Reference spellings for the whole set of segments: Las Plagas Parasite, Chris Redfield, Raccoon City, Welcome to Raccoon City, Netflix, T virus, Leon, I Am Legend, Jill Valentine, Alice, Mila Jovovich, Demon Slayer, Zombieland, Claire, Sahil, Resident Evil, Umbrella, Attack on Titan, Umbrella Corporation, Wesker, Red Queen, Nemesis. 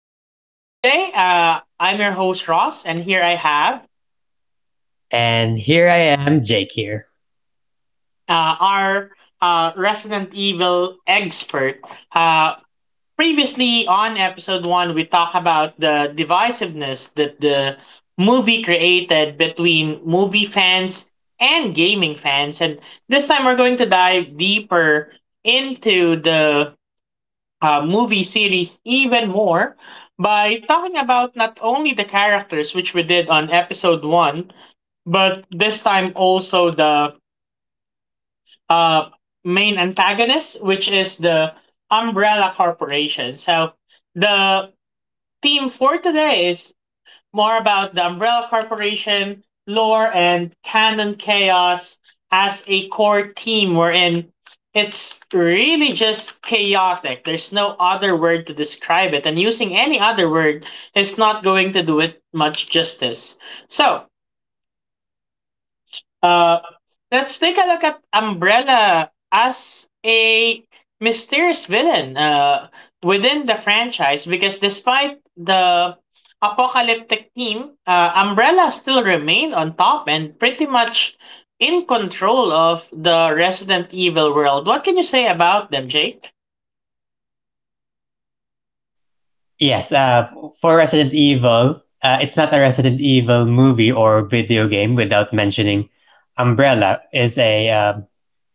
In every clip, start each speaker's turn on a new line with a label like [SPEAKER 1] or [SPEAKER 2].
[SPEAKER 1] And today, I'm your host, Ross, and here I have
[SPEAKER 2] And here I am, Jake here.
[SPEAKER 1] our Resident Evil expert. Uh, previously, on episode one, we talked about the divisiveness that the movie created between movie fans and gaming fans. And this time, we're going to dive deeper into the movie series even more by talking about not only the characters, which we did on episode one, but this time also the uh, main antagonist, which is the Umbrella Corporation. So the theme for today is more about the Umbrella Corporation, lore, and canon chaos as a core team wherein it's really just chaotic. There's no other word to describe it, and using any other word is not going to do it much justice. So, uh, let's take a look at Umbrella as a mysterious villain within the franchise because despite the apocalyptic theme, Umbrella still remained on top and pretty much in control of the Resident Evil world. What can you say about them, Jake?
[SPEAKER 2] Yes, uh, for Resident Evil, it's not a Resident Evil movie or video game without mentioning Umbrella is a, uh,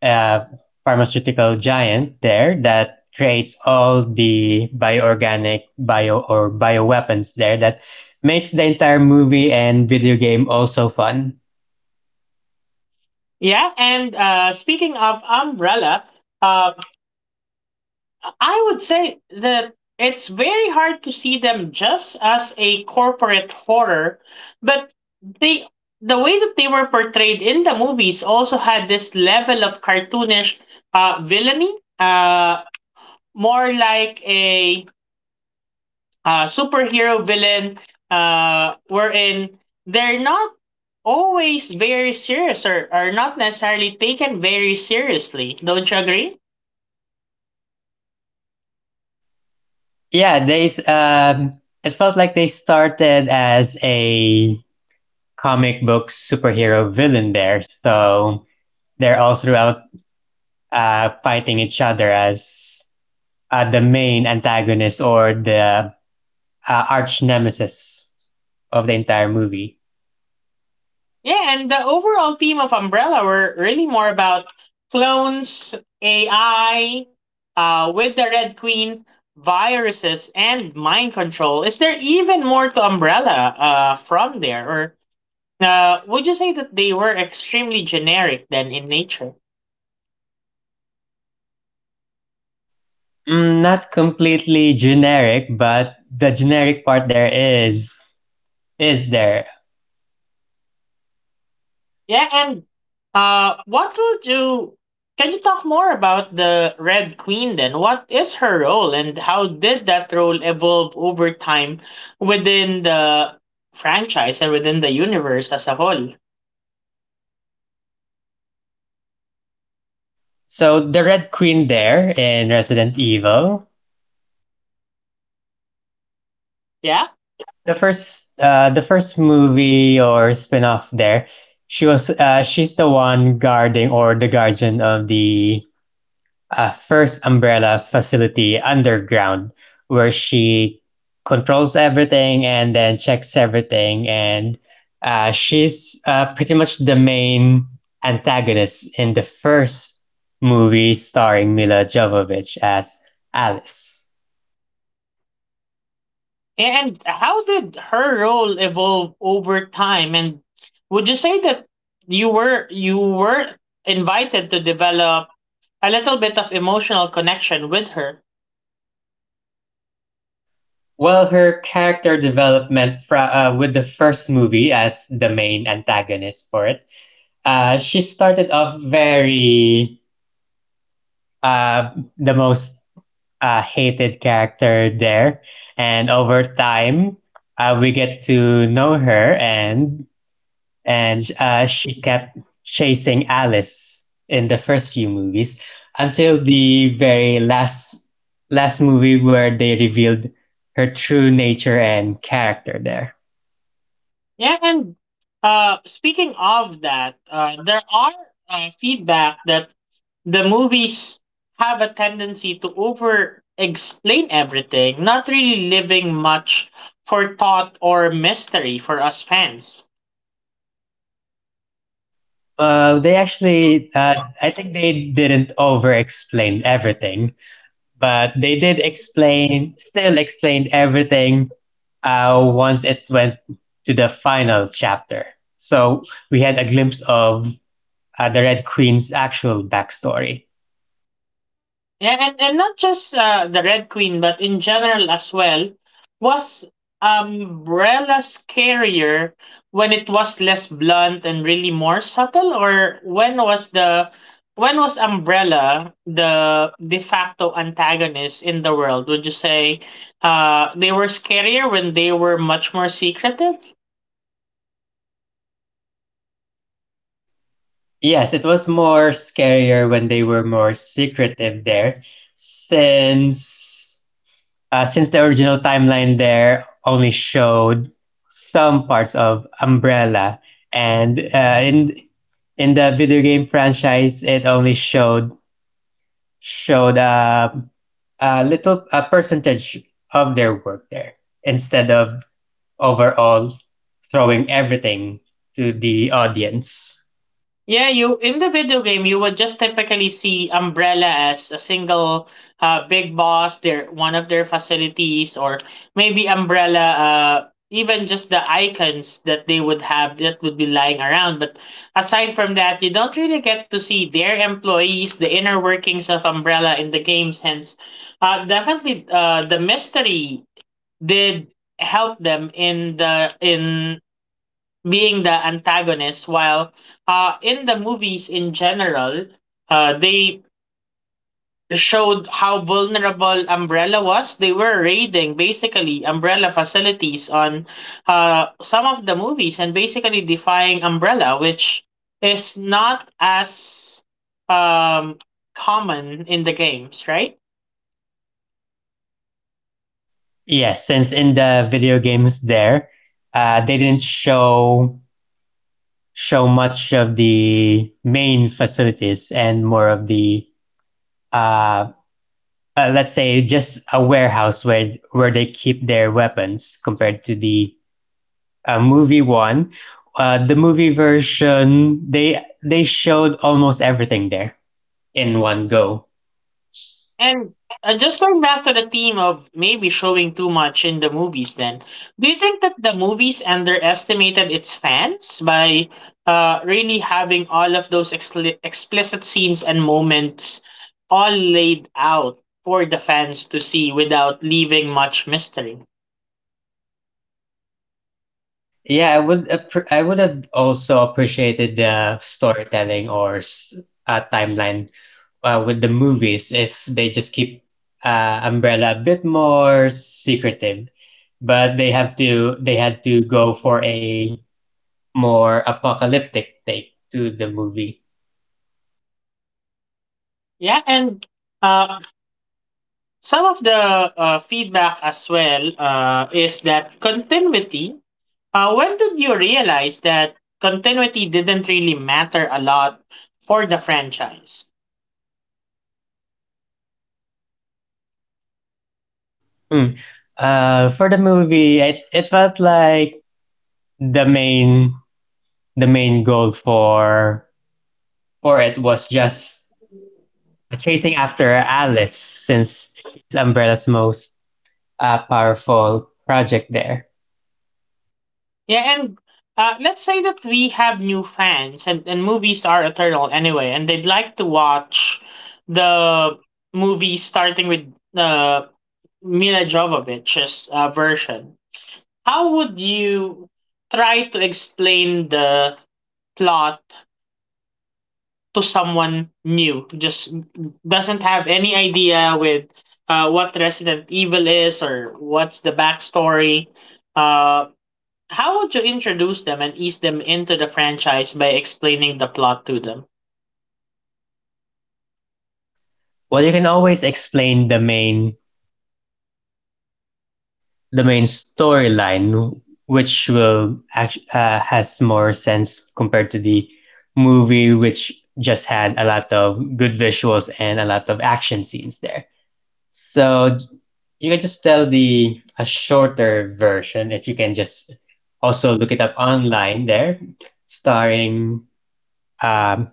[SPEAKER 2] a pharmaceutical giant there that creates all the bioorganic bio or bioweapons there that makes the entire movie and video game also fun.
[SPEAKER 1] Yeah, and speaking of Umbrella, uh, I would say that it's very hard to see them just as a corporate horror, but they the way that they were portrayed in the movies also had this level of cartoonish villainy, more like a superhero villain, wherein they're not always very serious or are not necessarily taken very seriously. Don't you agree?
[SPEAKER 2] Yeah, they it felt like they started as a comic book superhero villain there. So they're all throughout fighting each other as the main antagonist or the arch nemesis of the entire movie.
[SPEAKER 1] Yeah, and the overall theme of Umbrella were really more about clones, AI, with the Red Queen, viruses, and mind control. Is there even more to Umbrella from there? Or would you say that they were extremely generic then in nature?
[SPEAKER 2] Not completely generic, but the generic part there is there.
[SPEAKER 1] Yeah, and what would you? Can you talk more about the Red Queen then? What is her role, and how did that role evolve over time within the franchise and within the universe as a whole?
[SPEAKER 2] So the Red Queen there in Resident Evil
[SPEAKER 1] Yeah,
[SPEAKER 2] the first movie or spin-off there she was she's the one guarding or the guardian of the first umbrella facility underground where she controls everything and then checks everything and she's pretty much the main antagonist in the first movie starring Mila Jovovich as Alice.
[SPEAKER 1] and how did her role evolve over time? And would you say that you were invited to develop a little bit of emotional connection with her?
[SPEAKER 2] Well, her character development with the first movie as the main antagonist for it, she started off very uh, the most hated character there, and over time, we get to know her, and she kept chasing Alice in the first few movies until the very last movie where they revealed her true nature and character there.
[SPEAKER 1] Yeah, and speaking of that, there are feedback that the movies have a tendency to over explain everything, not really leaving much for thought or mystery for us fans.
[SPEAKER 2] Uh, they actually, uh, I think they didn't over explain everything, but they did explained everything once it went to the final chapter. So we had a glimpse of the Red Queen's actual backstory.
[SPEAKER 1] Yeah, and not just the Red Queen, but in general as well, was Umbrella scarier when it was less blunt and really more subtle, or when was Umbrella the de facto antagonist in the world? Would you say they were scarier when they were much more secretive?
[SPEAKER 2] Yes, it was more scarier when they were more secretive there, since since the original timeline there only showed some parts of Umbrella, and in the video game franchise, it only showed a little a percentage of their work there instead of overall throwing everything to the audience.
[SPEAKER 1] Yeah, you in the video game you would just typically see Umbrella as a single big boss, their one of their facilities, or maybe Umbrella even just the icons that they would have that would be lying around. But aside from that, you don't really get to see their employees, the inner workings of Umbrella in the game since definitely the mystery did help them in the in being the antagonist while in the movies in general they showed how vulnerable umbrella was. They were raiding basically umbrella facilities on some of the movies and basically defying umbrella, which is not as um common in the games, right?
[SPEAKER 2] Yes, since in the video games there, they didn't show much of the main facilities and more of the uh, let's say just a warehouse where they keep their weapons compared to the movie one. The movie version they showed almost everything there in one go.
[SPEAKER 1] And just going back to the theme of maybe showing too much in the movies, then, do you think that the movies underestimated its fans by really having all of those explicit scenes and moments all laid out for the fans to see without leaving much mystery?
[SPEAKER 2] I would have also appreciated the storytelling or timeline with the movies if they just keep Umbrella a bit more secretive but they had to go for a more apocalyptic take to the movie.
[SPEAKER 1] Yeah, and uh, some of the feedback as well is that continuity. When did you realize that continuity didn't really matter a lot for the franchise?
[SPEAKER 2] Mm. For the movie, it felt like the main the main goal for it was just chasing after Alice since it's Umbrella's most powerful project there.
[SPEAKER 1] Yeah, and let's say that we have new fans, and movies are eternal anyway, and they'd like to watch the movie starting with uh, Mila Jovovich's version. How would you try to explain the plot to someone new just doesn't have any idea with what resident evil is or what's the backstory, uh, how would you introduce them and ease them into the franchise by explaining the plot to them?
[SPEAKER 2] Well, you can always explain the main storyline, which will act, has more sense compared to the movie, which just had a lot of good visuals and a lot of action scenes there. So you can just tell the a shorter version if you can just also look it up online there, starring um,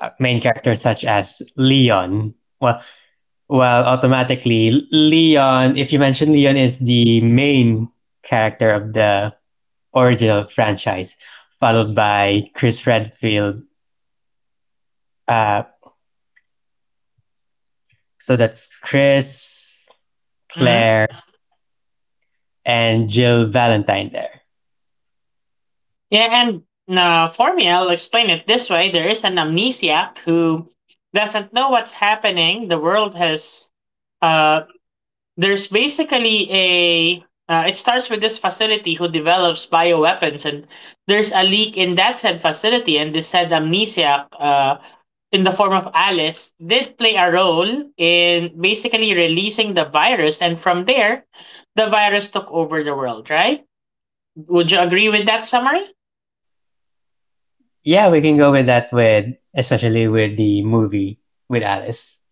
[SPEAKER 2] main characters such as Leon. Well, automatically, Leon, if you mention Leon, is the main character of the original franchise, followed by Chris Redfield. Uh, so that's Chris,
[SPEAKER 1] Hmm.
[SPEAKER 2] Claire, and Jill Valentine there.
[SPEAKER 1] Yeah, and for me, I'll explain it this way. There is an amnesiac who doesn't know what's happening. The world has uh, there's basically a it starts with this facility who develops bioweapons, and there's a leak in that said facility, and this said amnesiac in the form of alice did play a role in basically releasing the virus, and from there the virus took over the world, right? Would you agree with that summary?
[SPEAKER 2] Yeah, we can go with that, especially with the movie with Alice.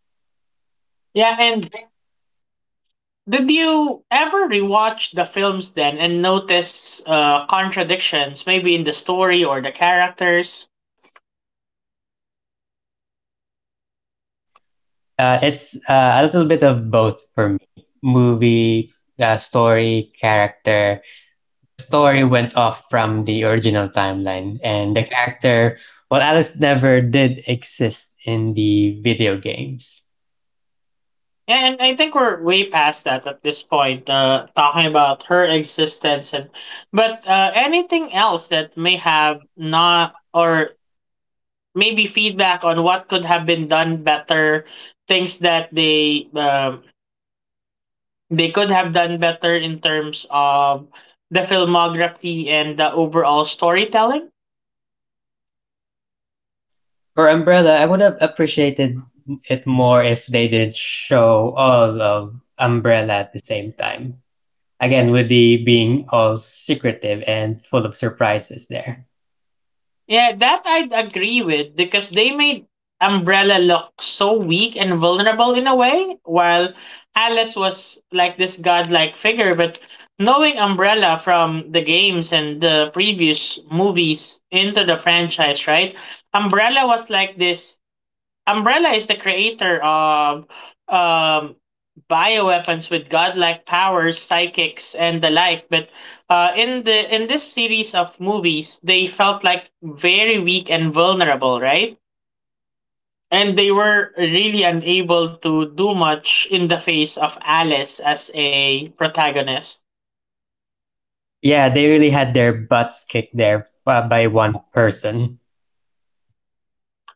[SPEAKER 1] Yeah, and did you ever rewatch the films then and notice contradictions maybe in the story or the characters?
[SPEAKER 2] It's a little bit of both for me. Movie, uh, story, character, Story went off from the original timeline, and the character, well, Alice never did exist in the video games.
[SPEAKER 1] Yeah, and I think we're way past that at this point, talking about her existence, and but anything else that may have not, or maybe feedback on what could have been done better, things that they could have done better in terms of the filmography and the overall storytelling.
[SPEAKER 2] For Umbrella, I would have appreciated it more if they didn't show all of Umbrella at the same time. Again, with the being all secretive and full of surprises there.
[SPEAKER 1] Yeah, that I'd agree with, because they made Umbrella look so weak and vulnerable in a way, while Alice was like this godlike figure. But knowing Umbrella from the games and the previous movies into the franchise, right? Umbrella was like this Umbrella is the creator of um, bioweapons with godlike powers, psychics, and the like. But in this series of movies, they felt like very weak and vulnerable, right? And they were really unable to do much in the face of Alice as a protagonist.
[SPEAKER 2] Yeah, they really had their butts kicked there by one person.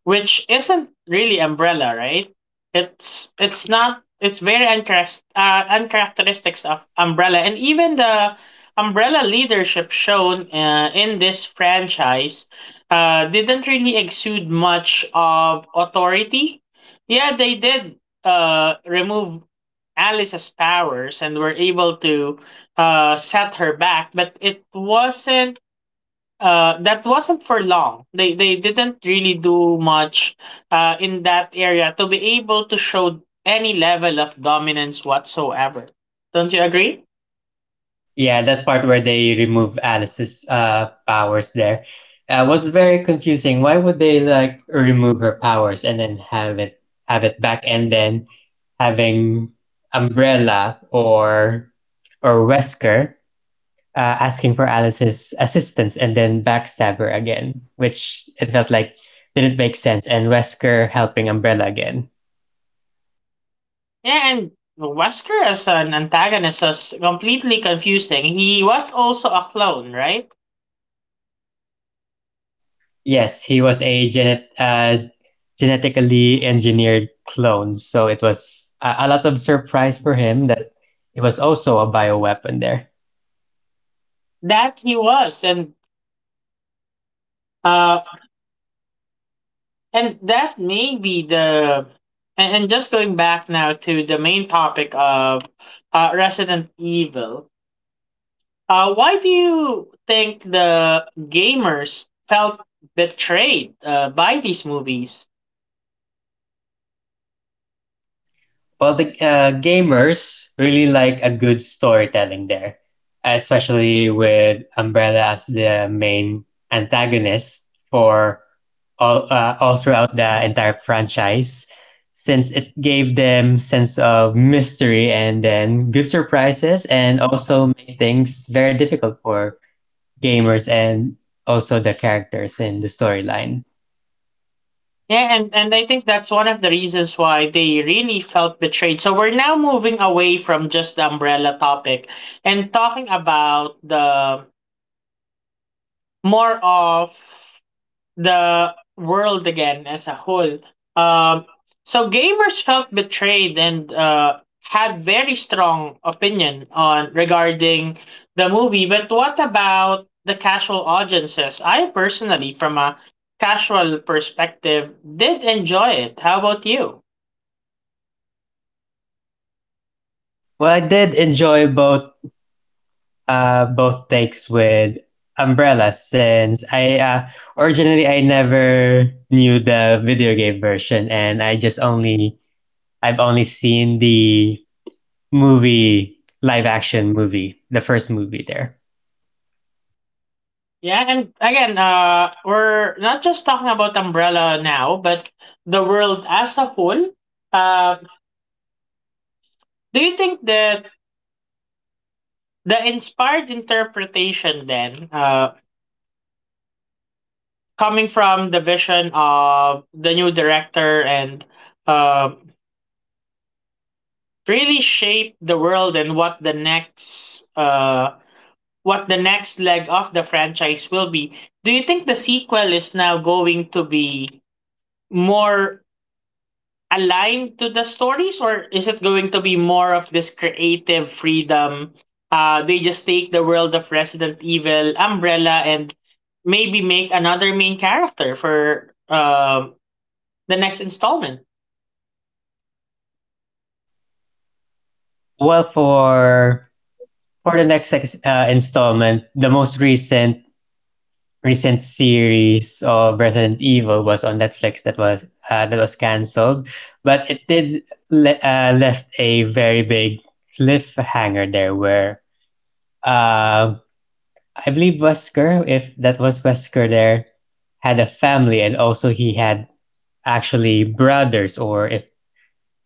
[SPEAKER 1] Which isn't really umbrella, right? It's not it's very uncharacteristics of umbrella, and even the umbrella leadership shown in this franchise didn't really exude much of authority. Yeah, they did remove Alice's powers and were able to set her back, but it wasn't that wasn't for long. They didn't really do much in that area to be able to show any level of dominance whatsoever. Don't you agree?
[SPEAKER 2] Yeah, that part where they remove Alice's powers there was very confusing. Why would they like remove her powers and then have it back and then having Umbrella or Wesker asking for Alice's assistance and then backstab her again, which it felt like didn't make sense. And Wesker helping Umbrella again.
[SPEAKER 1] Yeah, and Wesker as an antagonist was completely confusing. He was also a clone, right?
[SPEAKER 2] Yes, he was a genetically engineered clone. So it was a lot of surprise for him that it was also a bioweapon there.
[SPEAKER 1] That he was, uh, and that may be the and just going back now to the main topic of Resident Evil. Why do you think the gamers felt betrayed by these movies?
[SPEAKER 2] Well, the gamers really like a good storytelling there, especially with Umbrella as the main antagonist for all throughout the entire franchise since it gave them sense of mystery and then good surprises and also made things very difficult for gamers and also the characters in the storyline.
[SPEAKER 1] Yeah, and I think that's one of the reasons why they really felt betrayed. So we're now moving away from just the umbrella topic and talking about the more of the world again as a whole. Um, so gamers felt betrayed and had very strong opinion on regarding the movie. But what about the casual audiences? I personally, from a casual perspective, did enjoy it. How about you?
[SPEAKER 2] Well, I did enjoy both both takes with Umbrella since I originally I never knew the video game version and I've only seen the movie live action movie the first movie there.
[SPEAKER 1] Yeah, and again, we're not just talking about Umbrella now, but the world as a whole. Uh, do you think that the inspired interpretation then, coming from the vision of the new director and uh, really shaped the world, and what the next leg of the franchise will be. Do you think the sequel is now going to be more aligned to the stories, or is it going to be more of this creative freedom they just take the world of resident evil umbrella and maybe make another main character for the next installment?
[SPEAKER 2] Well, for the next installment, the most recent series of Resident Evil was on Netflix that was canceled, but it did left a very big cliffhanger there where uh, I believe Wesker, if that was Wesker there, had a family and also he had actually brothers or if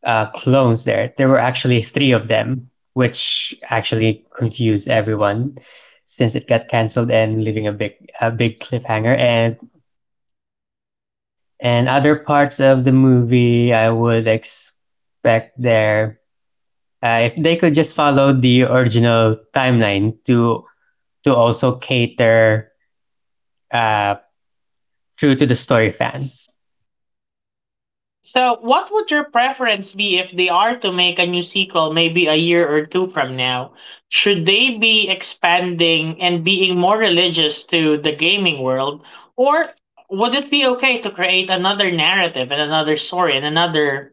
[SPEAKER 2] clones there. There were actually three of them, which actually confused everyone since it got canceled and leaving a big cliffhanger and other parts of the movie. I would expect there if they could just follow the original timeline to also cater uh, true to the story fans.
[SPEAKER 1] So, what would your preference be if they are to make a new sequel maybe a year or two from now? Should they be expanding and being more religious to the gaming world? Or would it be okay to create another narrative and another story and another,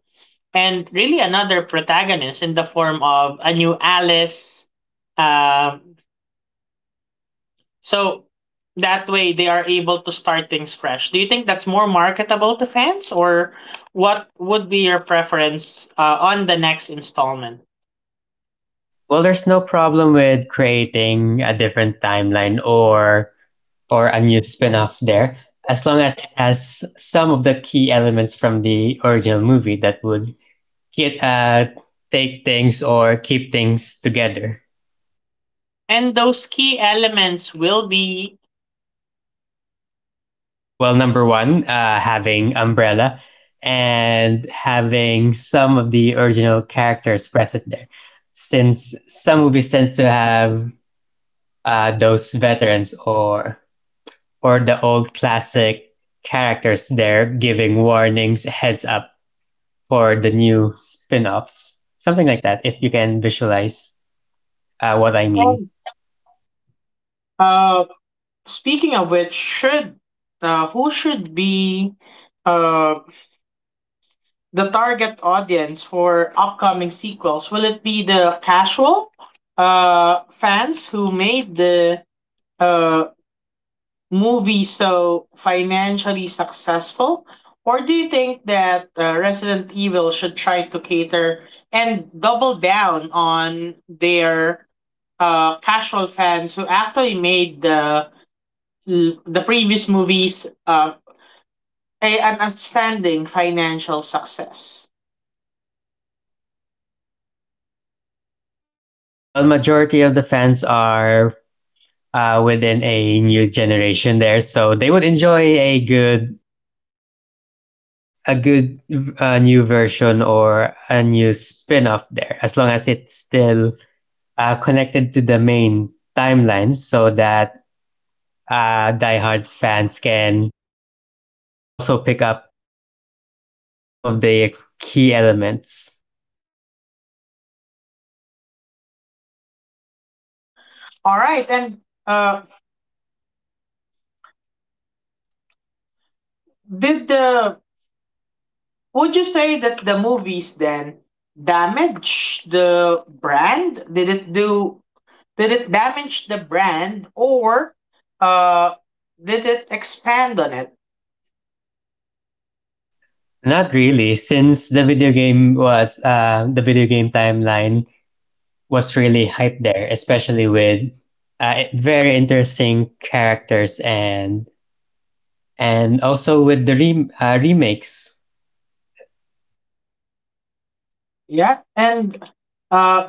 [SPEAKER 1] and really another protagonist in the form of a new Alice? Um, so that way they are able to start things fresh. Do you think that's more marketable to fans, or what would be your preference on the next installment?
[SPEAKER 2] Well, there's no problem with creating a different timeline or a new spin-off there, as long as it has some of the key elements from the original movie that would get, take things or keep things together.
[SPEAKER 1] And those key elements will be
[SPEAKER 2] Well, number one, having Umbrella and having some of the original characters present there, since some movies tend to have those veterans or the old classic characters there giving warnings, heads up for the new spin-offs, something like that. If you can visualize what I mean.
[SPEAKER 1] uh speaking of which should who should be uh the target audience for upcoming sequels? Will it be the casual fans who made the uh movie so financially successful? Or do you think that Resident Evil should try to cater and double down on their casual fans who actually made the previous movies a, an outstanding financial success?
[SPEAKER 2] Well, majority of the fans are within a new generation there, so they would enjoy a good new version or a new spin-off there as long as it's still connected to the main timeline so that diehard fans can also pick up some of the key elements.
[SPEAKER 1] All right, and uh, did the would you say that the movies then damage the brand? Did it damage the brand, or uh, did it expand on it?
[SPEAKER 2] Not really, since the video game was the video game timeline was really hyped there, especially with very interesting characters and also with the remakes.
[SPEAKER 1] Yeah. And uh,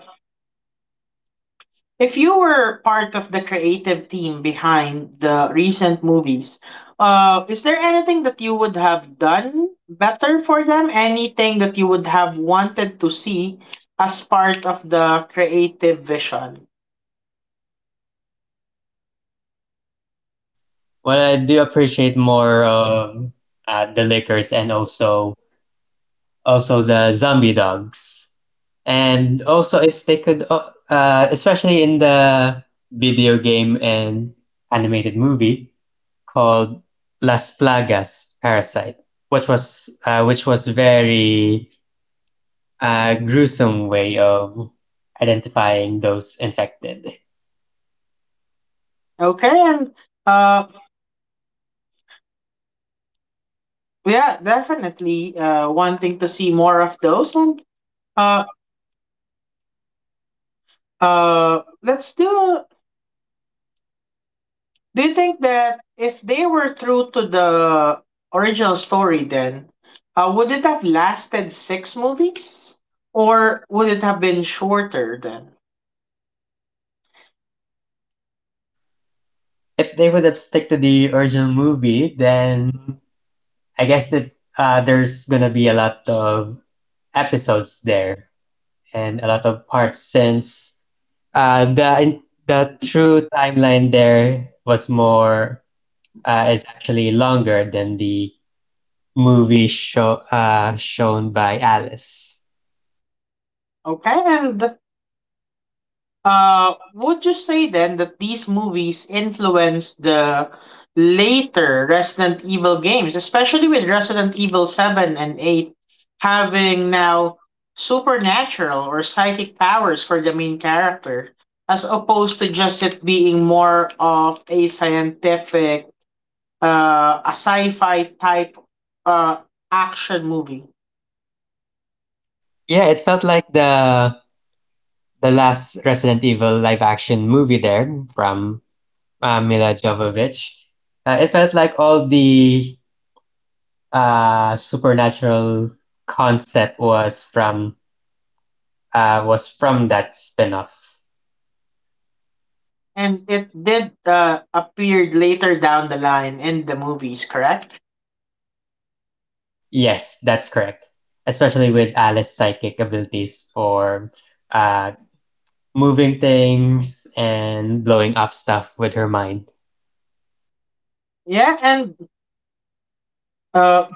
[SPEAKER 1] if you were part of the creative team behind the recent movies, is there anything that you would have done better for them? Anything that you would have wanted to see as part of the creative vision?
[SPEAKER 2] Well, I do appreciate more the liquors and also the zombie dogs, and also if they could, especially in the video game and animated movie called Las Plagas Parasite, which was very gruesome way of identifying those infected.
[SPEAKER 1] Okay. And uh, yeah, definitely. Wanting to see more of those, and uh, let's do. Do you think that if they were true to the original story, then would it have lasted six movies, or would it have been shorter? Then
[SPEAKER 2] If they would have stick to the original movie, then I guess that there's gonna be a lot of episodes there and a lot of parts since uh, the the true timeline there was more is actually longer than the movie show shown by Alice.
[SPEAKER 1] okay, and Would you say then that these movies influenced the later Resident Evil games, especially with Resident Evil 7 and 8 having now supernatural or psychic powers for the main character, as opposed to just it being more of a scientific, a sci fi type uh, action movie?
[SPEAKER 2] Yeah, it felt like the last Resident Evil live action movie there from Mila Jovovich. It felt like all the supernatural concept was from that spinoff.
[SPEAKER 1] And it did appear later down the line in the movies, correct?
[SPEAKER 2] Yes, that's correct. Especially with Alice's psychic abilities for uh, moving things and blowing up stuff with her mind.
[SPEAKER 1] Yeah, and uh,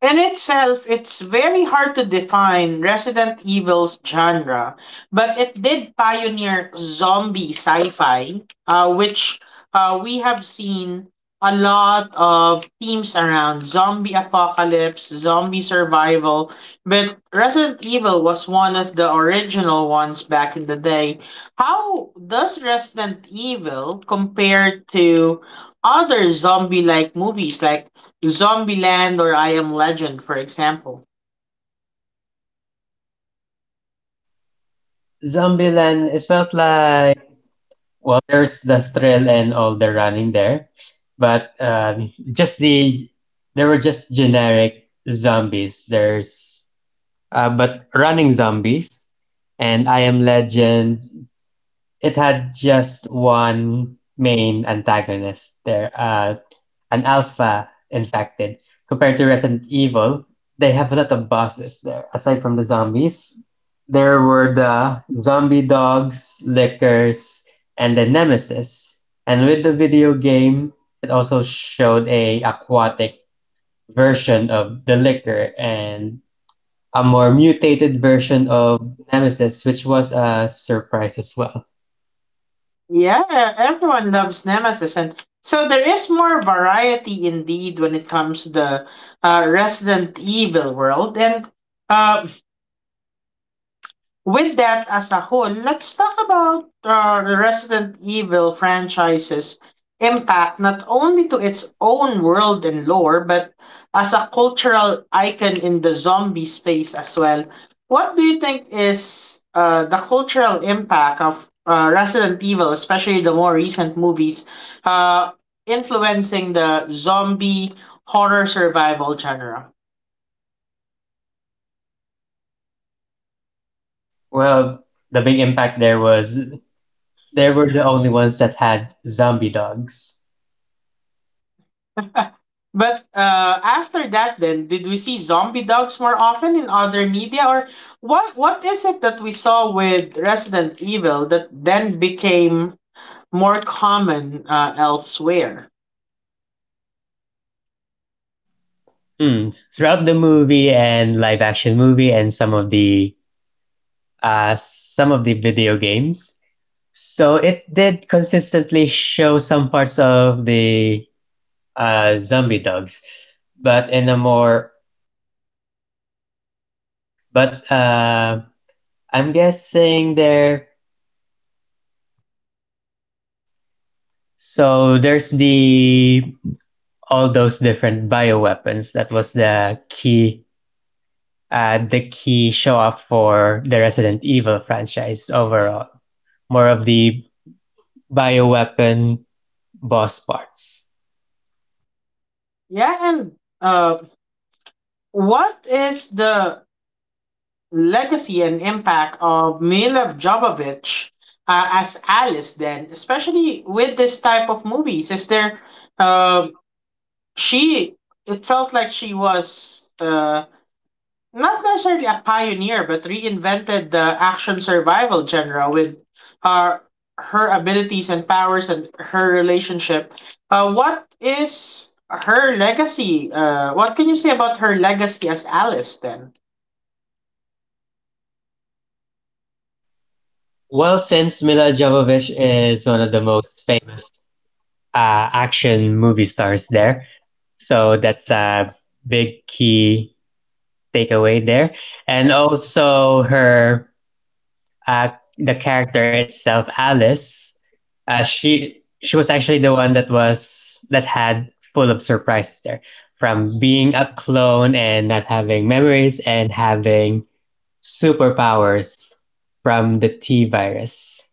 [SPEAKER 1] in itself, it's very hard to define Resident Evil's genre, but it did pioneer zombie sci-fi, which we have seen a lot of themes around zombie apocalypse, zombie survival. But Resident Evil was one of the original ones back in the day. How does Resident Evil compare to other zombie-like movies like Zombieland or I Am Legend, for example?
[SPEAKER 2] Zombieland, it felt like well, there's the thrill and all the running there, but just the there were just generic zombies. There's but Running Zombies and I Am Legend, it had just one main antagonist there, an alpha infected. Compared to Resident Evil, they have a lot of bosses there. Aside from the zombies, there were the zombie dogs, lickers, and the nemesis. And with the video game, it also showed a aquatic version of the liquor and a more mutated version of Nemesis, which was a surprise as well.
[SPEAKER 1] Yeah, everyone loves Nemesis, and so there is more variety indeed when it comes to the Resident Evil world. And uh, With that as a whole, let's talk about the Resident Evil franchise's impact not only to its own world and lore, but as a cultural icon in the zombie space as well. What do you think is the cultural impact of Resident Evil, especially the more recent movies, uh, influencing the zombie horror survival genre?
[SPEAKER 2] Well, the big impact there was they were the only ones that had zombie dogs.
[SPEAKER 1] But after that, then did we see zombie dogs more often in other media, or what? What is it that we saw with Resident Evil that then became more common elsewhere?
[SPEAKER 2] Hmm. Throughout the movie and live action movie and some of the some of the video games. So it did consistently show some parts of the zombie dogs, but in a more but I'm guessing there. So there's the all those different bioweapons. That was the key show up for the Resident Evil franchise overall. More of the bioweapon boss parts.
[SPEAKER 1] Yeah, and uh, what is the legacy and impact of Mila Jovovich as Alice then, especially with this type of movies? Is there um she it felt like she was not necessarily a pioneer but reinvented the action survival genre with uh her abilities and powers and her relationship. What is her legacy? What can you say about her legacy as Alice then?
[SPEAKER 2] Well, since Mila Jovovich is one of the most famous action movie stars there, so that's a big key takeaway there. And also her uh, the character itself, Alice, she was actually the one that had full of surprises there, from being a clone and not having memories and having superpowers from the T virus.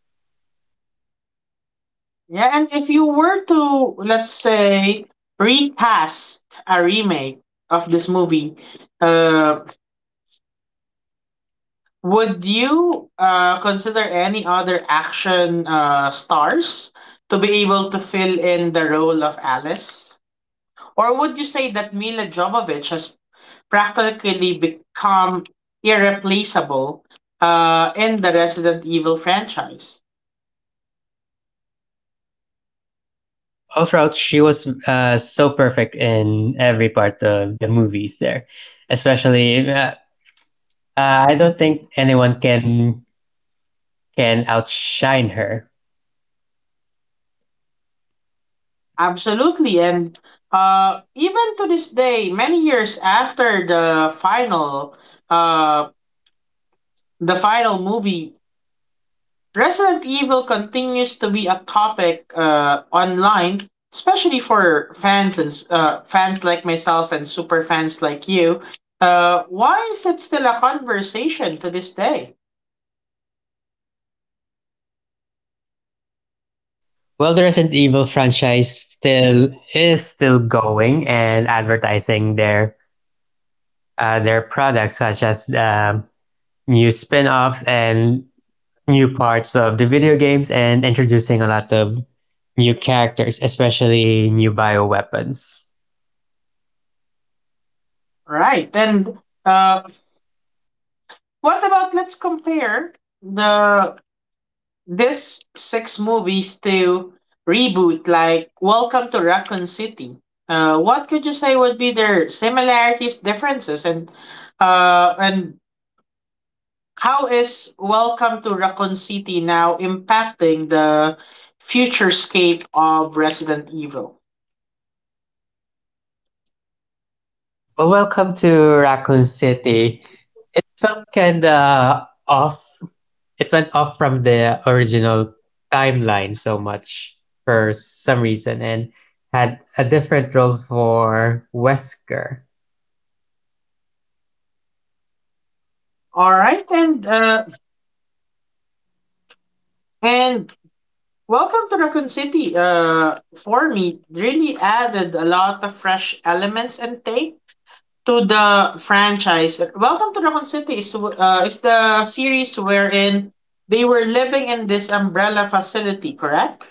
[SPEAKER 1] Yeah, and if you were to, let's say, recast a remake of this movie, uh would you consider any other action stars to be able to fill in the role of Alice? Or would you say that Mila Jovovich has practically become irreplaceable in the Resident Evil franchise?
[SPEAKER 2] All throughout, she was so perfect in every part of the movies there, especially. I don't think anyone can outshine her.
[SPEAKER 1] Absolutely, and even to this day, many years after uh, the final movie, Resident Evil continues to be a topic online, especially for fans and fans like myself and super fans like you. Why is it still a conversation to this day?
[SPEAKER 2] Well, the Resident Evil franchise still is still going and advertising their products, such as new spin-offs and new parts of the video games, and introducing a lot of new characters, especially new bioweapons.
[SPEAKER 1] Right, and uh, what about, let's compare the this six movies to reboot, like Welcome to Raccoon City. What could you say would be their similarities, differences, and how is Welcome to Raccoon City now impacting the futurescape of Resident Evil?
[SPEAKER 2] Well, welcome to Raccoon City. Felt kind of off, it went off from the original timeline so much for some reason and had a different role for Wesker.
[SPEAKER 1] All right, and and Welcome to Raccoon City, for me, really added a lot of fresh elements and take to the franchise. Welcome to Raccoon City is the series wherein they were living in this umbrella facility, correct?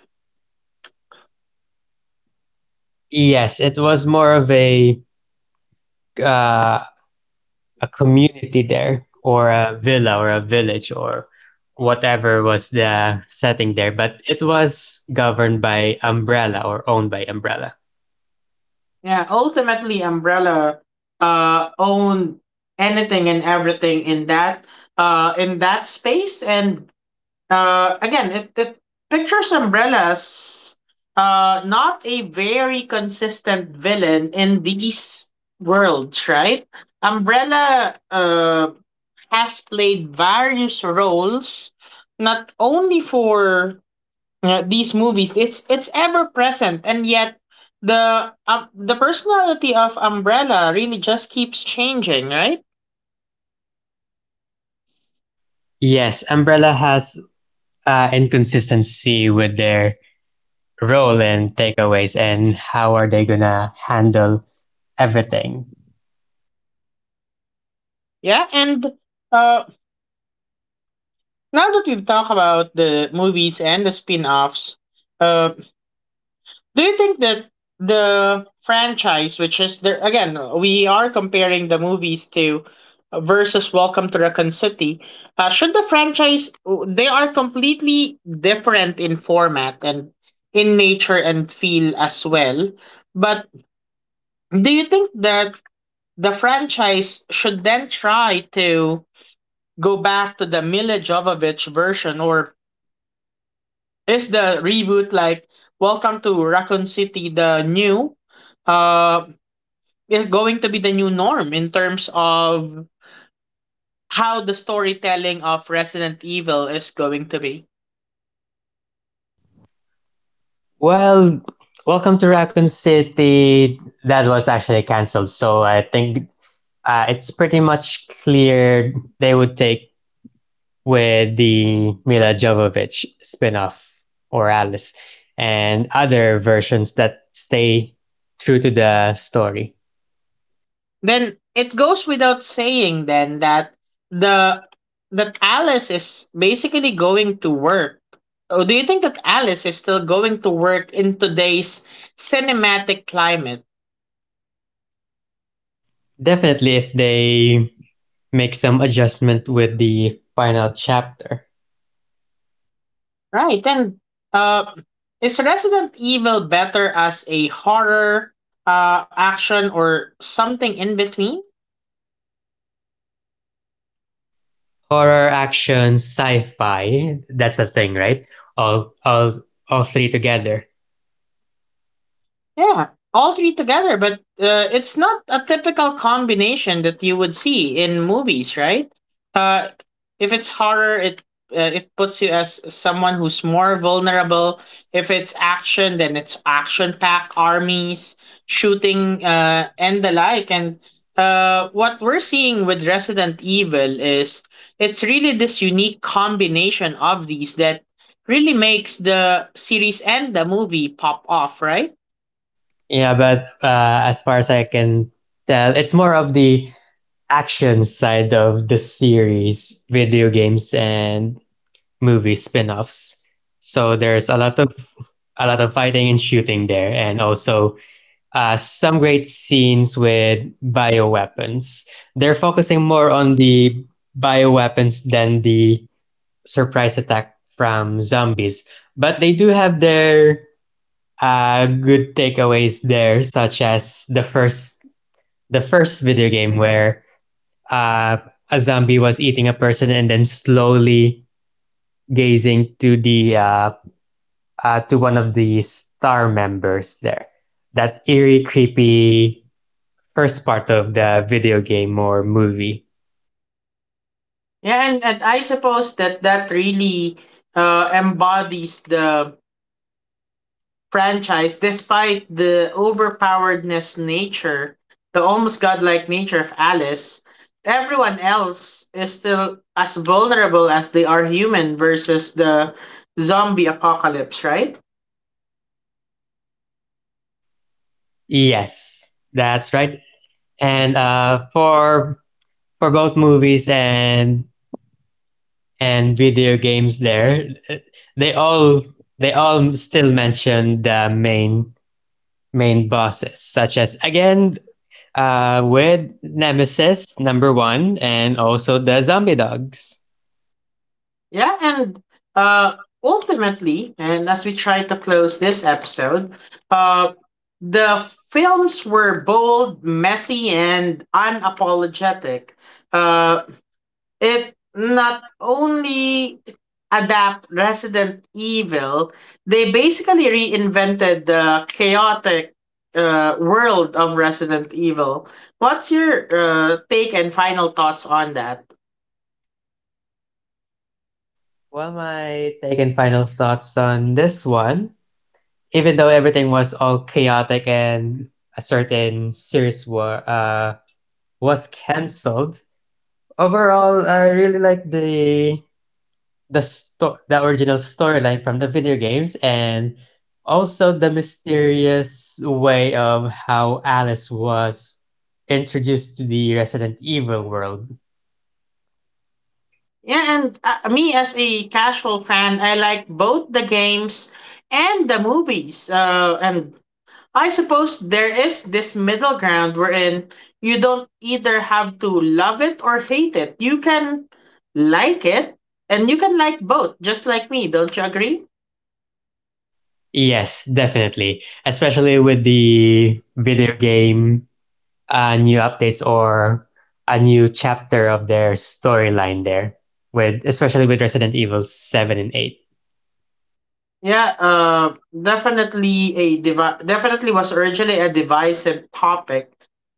[SPEAKER 2] Yes, it was more of uh, a community there or a villa or a village or whatever was the setting there, but it was governed by Umbrella or owned by Umbrella.
[SPEAKER 1] Yeah, ultimately, Umbrella owned anything and everything in that space, and again, it pictures umbrellas, not a very consistent villain in these worlds, right? Umbrella has played various roles, not only for these movies. It's ever present, and yet the personality of Umbrella really just keeps changing, right?
[SPEAKER 2] Yes, Umbrella has inconsistency with their role in takeaways and how are they gonna handle everything.
[SPEAKER 1] Yeah, and uh, now that we've talked about the movies and the spin-offs, uh, do you think that the franchise, which is there again, we are comparing the movies to versus Welcome to Raccoon City, should the franchise, they are completely different in format and in nature and feel as well, but do you think that the franchise should then try to go back to the Mila Jovovich version, or is the reboot like Welcome to Raccoon City the new uh is going to be the new norm in terms of how the storytelling of Resident Evil is going to be?
[SPEAKER 2] Well, welcome to Raccoon City. That was actually canceled, so I think it's pretty much clear they would take with the Mila Jovovich spin-off or Alice and other versions that stay true to the story.
[SPEAKER 1] Then it goes without saying then that the that Alice is basically going to work. Oh, do you think that Alice is still going to work in today's cinematic climate?
[SPEAKER 2] Definitely if they make some adjustment with the final chapter.
[SPEAKER 1] Right. And uh, is Resident Evil better as a horror, action, or something in between?
[SPEAKER 2] Horror, action, sci-fi. That's a thing, right? All all all three together.
[SPEAKER 1] Yeah, all three together, but it's not a typical combination that you would see in movies, right? Uh, if it's horror, it puts you as someone who's more vulnerable. If it's action, then it's action packed armies, shooting, and the like. And what we're seeing with Resident Evil is it's really this unique combination of these that really makes the series and the movie pop off, right?
[SPEAKER 2] Yeah, but as far as I can tell, it's more of the action side of the series, video games and movie spin-offs. So there's a lot of fighting and shooting there, and also some great scenes with bioweapons. They're focusing more on the bioweapons than the surprise attack from zombies. But they do have their good takeaways there, such as the first video game where uh, a zombie was eating a person and then slowly gazing to the to one of the star members there. That eerie, creepy first part of the video game or movie.
[SPEAKER 1] Yeah, and I suppose that that really embodies the franchise, despite the overpoweredness nature, the almost godlike nature of Alice. Everyone else is still as vulnerable as they are human versus the zombie apocalypse, right?
[SPEAKER 2] Yes, that's right. And for both movies and video games there, they all they all still mention the main bosses, such as again with Nemesis number one, and also the zombie dogs.
[SPEAKER 1] Yeah, and uh, ultimately, and as we try to close this episode, uh, the films were bold, messy, and unapologetic. Uh, it not only adapt Resident Evil, they basically reinvented the chaotic world of Resident Evil. What's your take and final thoughts on that?
[SPEAKER 2] Well, my take and final thoughts on this one, even though everything was all chaotic and a certain series were was cancelled. Overall, I really like the original storyline from the video games and also the mysterious way of how Alice was introduced to the Resident Evil world.
[SPEAKER 1] Yeah, and me as a casual fan, I like both the games and the movies. And I suppose there is this middle ground wherein you don't either have to love it or hate it. You can like it and you can like both, just like me. Don't you agree?
[SPEAKER 2] Yes, definitely. Especially with the video game new updates or a new chapter of their storyline there with especially with Resident Evil 7 and 8.
[SPEAKER 1] Yeah, definitely was originally a divisive topic,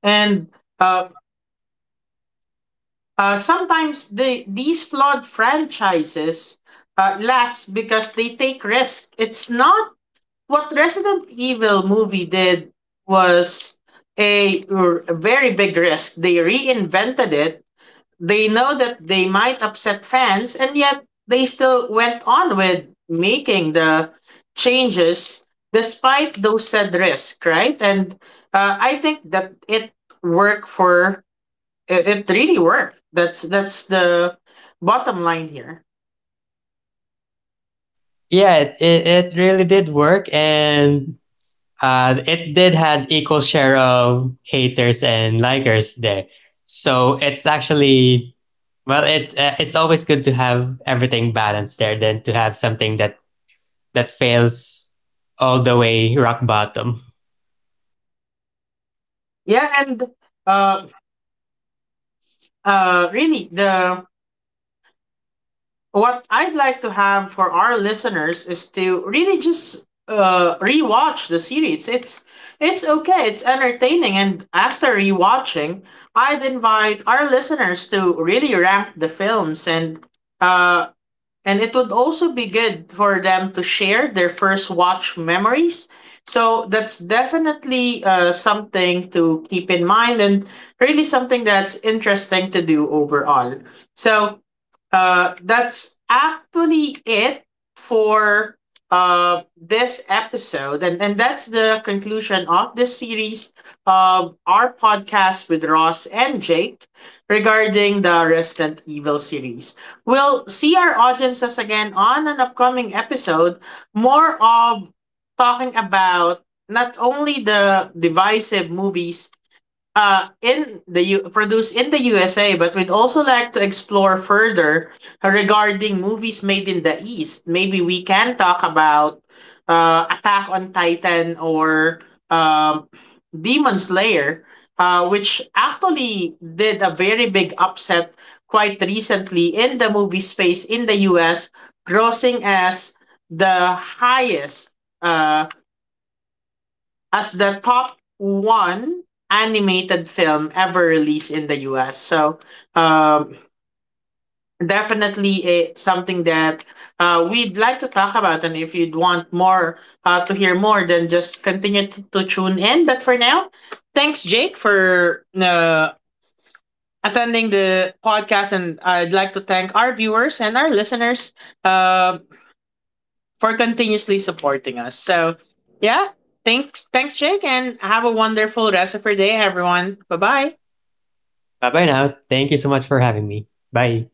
[SPEAKER 1] and uh, sometimes these flawed franchises last because they take risk. It's not what Resident Evil movie did was a very big risk. They reinvented it. They know that they might upset fans, and yet they still went on with making the changes despite those said risk, right? And I think that it worked for it, really worked. That's the bottom line here.
[SPEAKER 2] Yeah, it really did work and it did had equal share of haters and likers there. So it's actually it's always good to have everything balanced there than to have something that fails all the way rock bottom.
[SPEAKER 1] Yeah, and uh, really, the what I'd like to have for our listeners is to really just rewatch the series. It's okay. It's entertaining, and after rewatching, I'd invite our listeners to really rank the films, uh and it would also be good for them to share their first watch memories. So that's definitely something to keep in mind and really something that's interesting to do overall. So that's actually it for this episode. And that's the conclusion of this series of our podcast with Ross and Jake regarding the Resident Evil series. We'll see our audiences again on an upcoming episode, more of talking about not only the divisive movies produced in the USA, but we'd also like to explore further regarding movies made in the East. Maybe we can talk about Attack on Titan or um Demon Slayer, which actually did a very big upset quite recently in the movie space in the US, grossing as the highest uh as the top one animated film ever released in the US. So, um, definitely something that we'd like to talk about. And if you'd want more to hear more, then just continue to tune in. But for now, thanks, Jake, for attending the podcast. And I'd like to thank our viewers and our listeners. Um for continuously supporting us. So, yeah, thanks, Jake, and have a wonderful rest of your day, everyone. Bye bye.
[SPEAKER 2] Bye bye now. Thank you so much for having me. Bye.